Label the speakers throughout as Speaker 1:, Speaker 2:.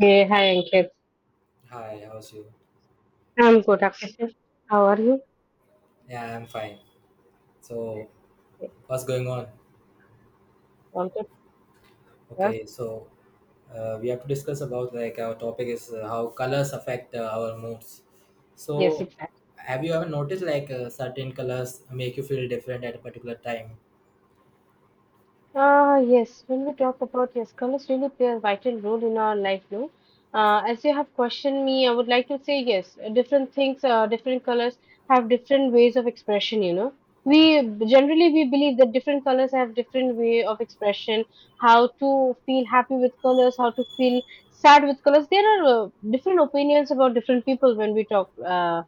Speaker 1: Hey, hi, Ankit.
Speaker 2: Hi, how's you?
Speaker 1: I'm good, Akshay. How are you?
Speaker 2: Yeah, I'm fine. So,
Speaker 1: Yes,
Speaker 2: what's going on?
Speaker 1: all good. Yes,
Speaker 2: Okay, so we have to discuss about like our topic is how colors affect our moods.
Speaker 1: yes,
Speaker 2: So,
Speaker 1: exactly.
Speaker 2: have you ever noticed like certain colors make you feel different at a particular time?
Speaker 1: Yes, when we talk about yes, colors really play a vital role in our life, no? As you have questioned me, I would like to say yes, different things, different colors have different ways of expression. We Generally we believe that different colors have different way of expression, how to feel happy with colors, how to feel sad with colors. There are different opinions about different people when we talk uh,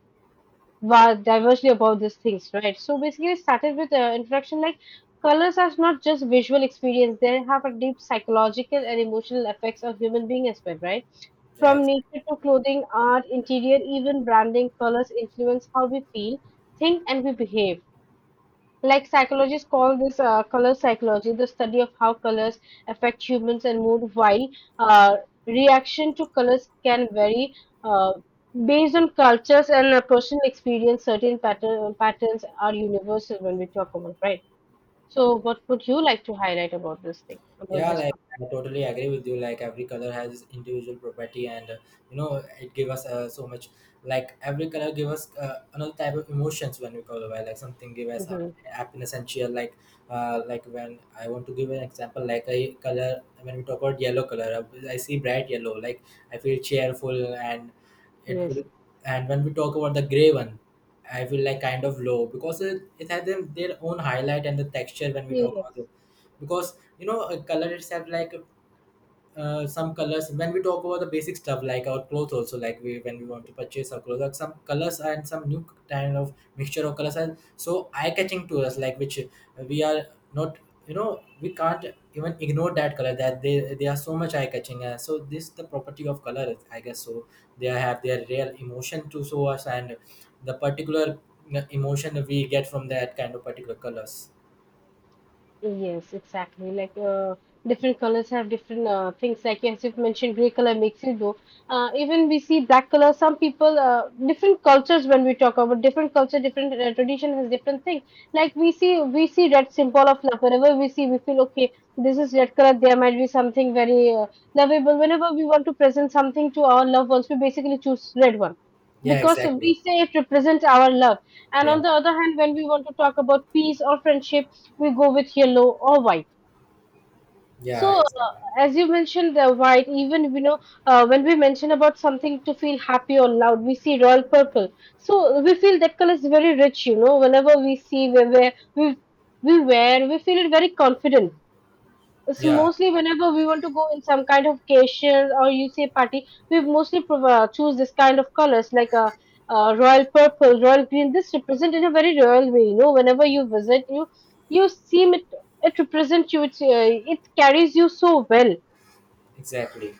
Speaker 1: va- divergely about these things, right? So basically, it started with introduction like colors are not just visual experience; they have a deep psychological and emotional effects on human being as well, right?
Speaker 2: Yeah,
Speaker 1: From nature to clothing, art, interior, even branding, colors influence how we feel, think, and we behave. Like psychologists call this color psychology, the study of how colors affect humans and mood, while uh, reaction to colors can vary uh, based on cultures and personal experience. Certain patterns are universal when we talk about, right? So, what would you like to highlight about this thing, about
Speaker 2: Yeah,
Speaker 1: this
Speaker 2: like I totally agree with you. Like every color has its individual property, and you know it give us so much. Like every color give us another type of emotions when we color. Right? Like something give us
Speaker 1: topic? Hmm.
Speaker 2: happiness and cheer. Like when I want to give an example, like a color when we talk about yellow color, I see bright yellow. Like I feel cheerful, and it
Speaker 1: Yes.
Speaker 2: will. And when we talk about the gray one, I feel like kind of low because it has them, their own highlight and the texture when we talk
Speaker 1: Yes.
Speaker 2: about, because you know a color itself like some colors when we talk about the basic stuff like our clothes also like we when we want to purchase our clothes like some colors and some new kind of mixture of colors are so eye catching to us like which we are not, you know, we can't even ignore that color, that they are so much eye catching, so this the property of color I guess so, they have their real emotion to show us and the particular emotion we get from that kind of particular colors.
Speaker 1: Yes, exactly. Like different colors have different things. Like as you've mentioned, gray color makes you glow. Even we see black color. Some people, different cultures. When we talk about different culture, different tradition has different things. Like we see red symbol of love. Whenever we see, we feel okay. This is red color. There might be something very lovable. Whenever we want to present something to our loved ones, we basically choose red one
Speaker 2: Yeah,
Speaker 1: because
Speaker 2: exactly.
Speaker 1: we say it represents our love. And
Speaker 2: Yeah.
Speaker 1: on the other hand, when we want to talk about peace or friendship, we go with yellow or white.
Speaker 2: Yeah,
Speaker 1: So,
Speaker 2: exactly.
Speaker 1: as you mentioned, the white, even when we mention about something to feel happy or loud, we see royal purple. So, we feel that color is very rich, whenever we see, we wear, we feel very confident. It's
Speaker 2: Yeah,
Speaker 1: mostly whenever we want to go in some kind of occasion or you say party, we mostly choose this kind of colors like a royal purple, royal green. This represent in a very royal way. You know, whenever you visit, you seem it represents you. It carries you so well.
Speaker 2: exactly.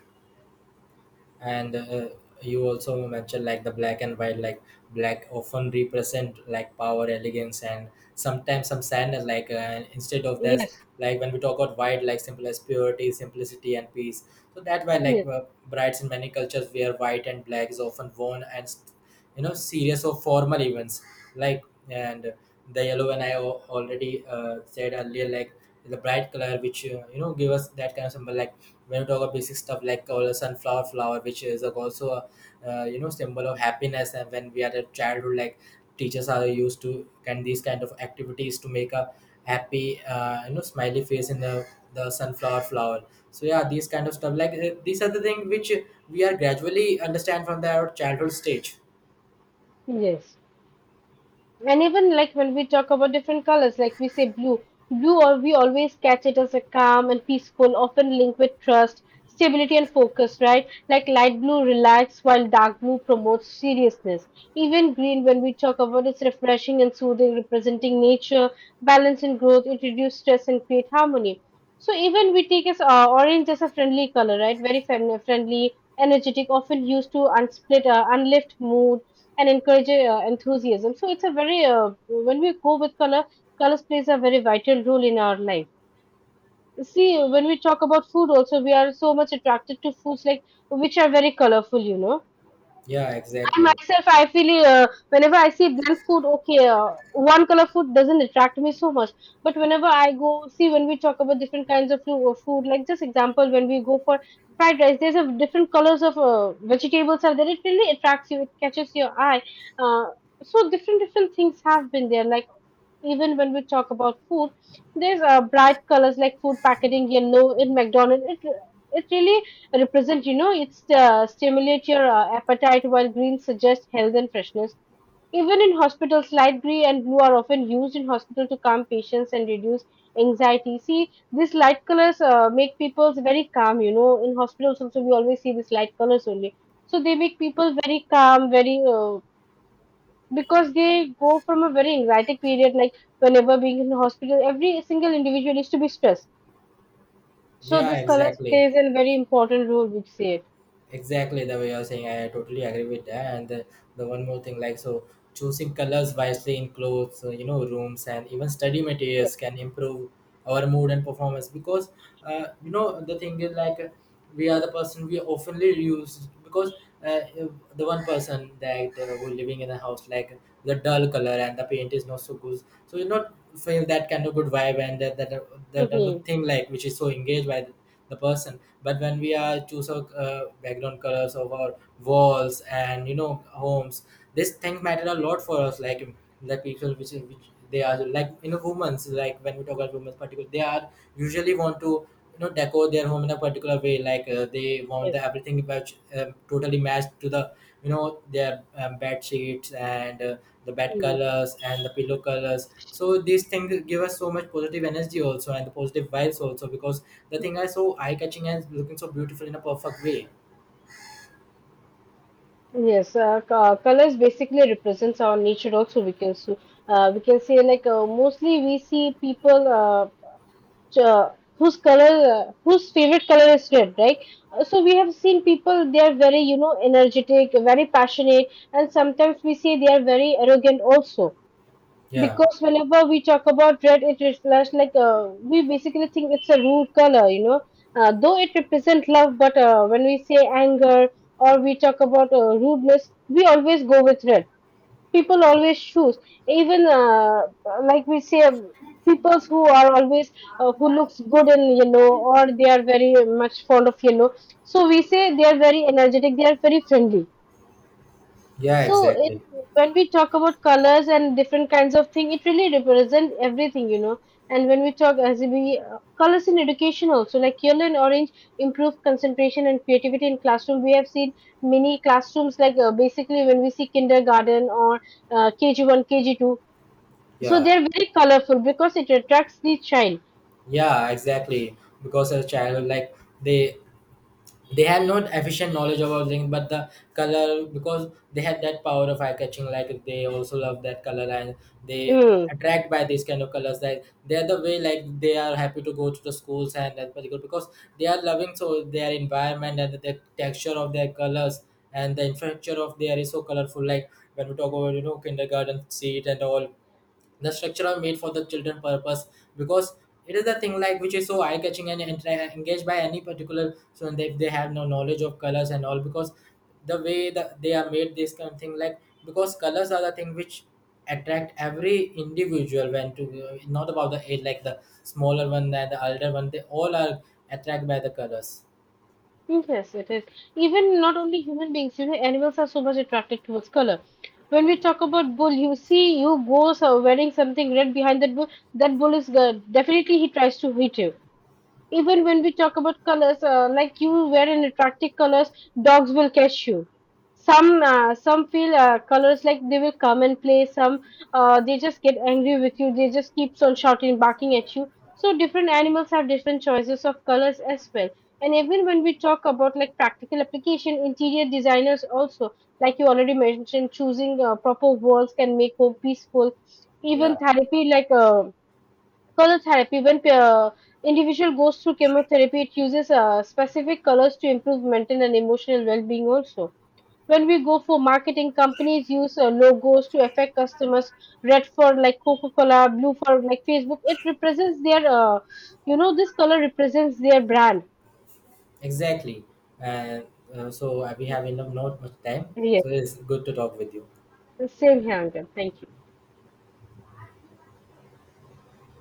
Speaker 2: And you also mentioned like the black and white, like black often represent like power, elegance, and sometimes some sadness. Like instead of this,
Speaker 1: Yes,
Speaker 2: like when we talk about white, like simple as purity, simplicity, and peace. So that why like
Speaker 1: yes,
Speaker 2: brides in many cultures wear white and black is often worn and you know serious or formal events. Like, and the yellow, and already said earlier, like the bright color which you know give us that kind of symbol like when we talk about basic stuff like sunflower flower which is like also a you know symbol of happiness, and when we are at childhood like teachers are used to can these kind of activities to make a happy, you know, smiley face in the sunflower flower. So yeah, these kind of stuff like, these are the things which we are gradually understand from the our childhood stage.
Speaker 1: yes. And even like when we talk about different colors, like we say blue or we always catch it as a calm and peaceful, often linked with trust, stability and focus, right? Like light blue relax while dark blue promotes seriousness. Even green, when we talk about it's refreshing and soothing, representing nature, balance and growth, it reduces stress and create harmony. So even we take as orange as a friendly color, right? Very friendly, energetic, often used to unlift mood and encourage enthusiasm. So it's a very when we go with colors plays a very vital role in our life. See, when we talk about food, also we are so much attracted to foods like which are very colorful.
Speaker 2: Yeah,
Speaker 1: I
Speaker 2: exactly.
Speaker 1: myself, I feel whenever I see bland food, okay, one color food doesn't attract me so much. But whenever I go, see, when we talk about different kinds of food, like just example, when we go for fried rice, there's a different colors of vegetables are there. It really attracts you. It catches your eye. Uh, so different things have been there. Like even when we talk about food, there's bright colors like food packaging yellow in McDonald's. It really represent, it's stimulate your appetite while green suggests health and freshness. Even in hospitals, light green and blue are often used in hospital to calm patients and reduce anxiety. See, these light colors make people very calm. In hospitals also, we always see these light colors only. So they make people very calm, because they go from a very anxiety period, like whenever being in hospital, every single individual is to be stressed. So
Speaker 2: Yeah,
Speaker 1: this colors
Speaker 2: exactly,
Speaker 1: plays a very important role, we'd say.
Speaker 2: exactly the way you're saying, I totally agree with that. And the one more thing like, so choosing colors wisely in clothes, you know, rooms, and even study
Speaker 1: Yeah.
Speaker 2: materials can improve our mood and performance, because you know the thing is like, we are the person we oftenly use, because if the one person that who living in a house like the dull color and the paint is not so good, so you not feel that kind of good vibe and that other
Speaker 1: Mhm.
Speaker 2: thing like which is so engaged by the person. But when we are choose our background colors of our walls and you know homes, this thing matter a lot for us, like the people which they are like you know women's, like when we talk about women's particular, they are usually want to, you know, decor their home in a particular way, like they want
Speaker 1: Yes,
Speaker 2: the everything which totally matched to the, you know, their bed sheets and the bed
Speaker 1: yes,
Speaker 2: colors and the pillow colors. So these things give us so much positive energy also, and the positive vibes also, because the thing are so eye catching and looking so beautiful in a perfect way.
Speaker 1: yes. Colors basically represents our nature. Also, we can say like mostly we see people whose favorite color is red, right? So we have seen people they are very energetic, very passionate, and sometimes we see they are very arrogant also.
Speaker 2: Yeah.
Speaker 1: Because whenever we talk about red it reflects like we basically think it's a rude color. Though it represents love, but when we say anger or we talk about rudeness, we always go with red. People always choose. Even like we say peoples who are always who looks good in yellow or they are very much fond of yellow, so we say they are very energetic, they are very friendly.
Speaker 2: Yeah,
Speaker 1: So
Speaker 2: exactly.
Speaker 1: when we talk about colors and different kinds of thing, it really represents everything. And when we talk as we colors in education also, like yellow and orange improve concentration and creativity in classroom. We have seen many classrooms like basically when we see kindergarten or KG1, KG2. So they
Speaker 2: Yeah.
Speaker 1: are very colorful because it attracts the child.
Speaker 2: Yeah, exactly, because as a child like they they have not efficient knowledge about things, but the color, because they had that power of eye catching, like they also love that color, and they
Speaker 1: Mm.
Speaker 2: attract by these kind of colors, like they're the way like they are happy to go to the schools and that particular, because they are loving so their environment and the texture of their colors and the infrastructure of there is so colorful, like when we talk about, you know, kindergarten seat and all, the structure are made for the children purpose, because it is a thing like which is so eye catching and engaged by any particular, so they have no knowledge of colors and all, because the way that they are made this kind of thing like, because colors are the thing which attract every individual, when to not about the age, like the smaller one and the elder one, they all are attracted by the colors.
Speaker 1: Yes, it is. Even not only human beings, animals are so much attracted towards color. When we talk about bull, you see, you go so wearing something red behind that bull. That bull is definitely he tries to hit you. Even when we talk about colors, like you wear an attractive colors, dogs will catch you. Some feel colors like they will come and play. Some they just get angry with you. They just keeps on shouting, barking at you. So different animals have different choices of colors as well. And even when we talk about like practical application, interior designers also, like you already mentioned, choosing proper walls can make home peaceful. Even
Speaker 2: Yeah,
Speaker 1: therapy, like color therapy: when an individual goes through chemotherapy, it uses specific colors to improve mental and emotional well-being also. When we go for marketing, companies use logos to affect customers. Red for like Coca-Cola, blue for like Facebook. It represents their, you know, this color represents their brand.
Speaker 2: exactly. And so we have enough not much time,
Speaker 1: Yes,
Speaker 2: so it's good to talk with you.
Speaker 1: same here, Angan. Thank you.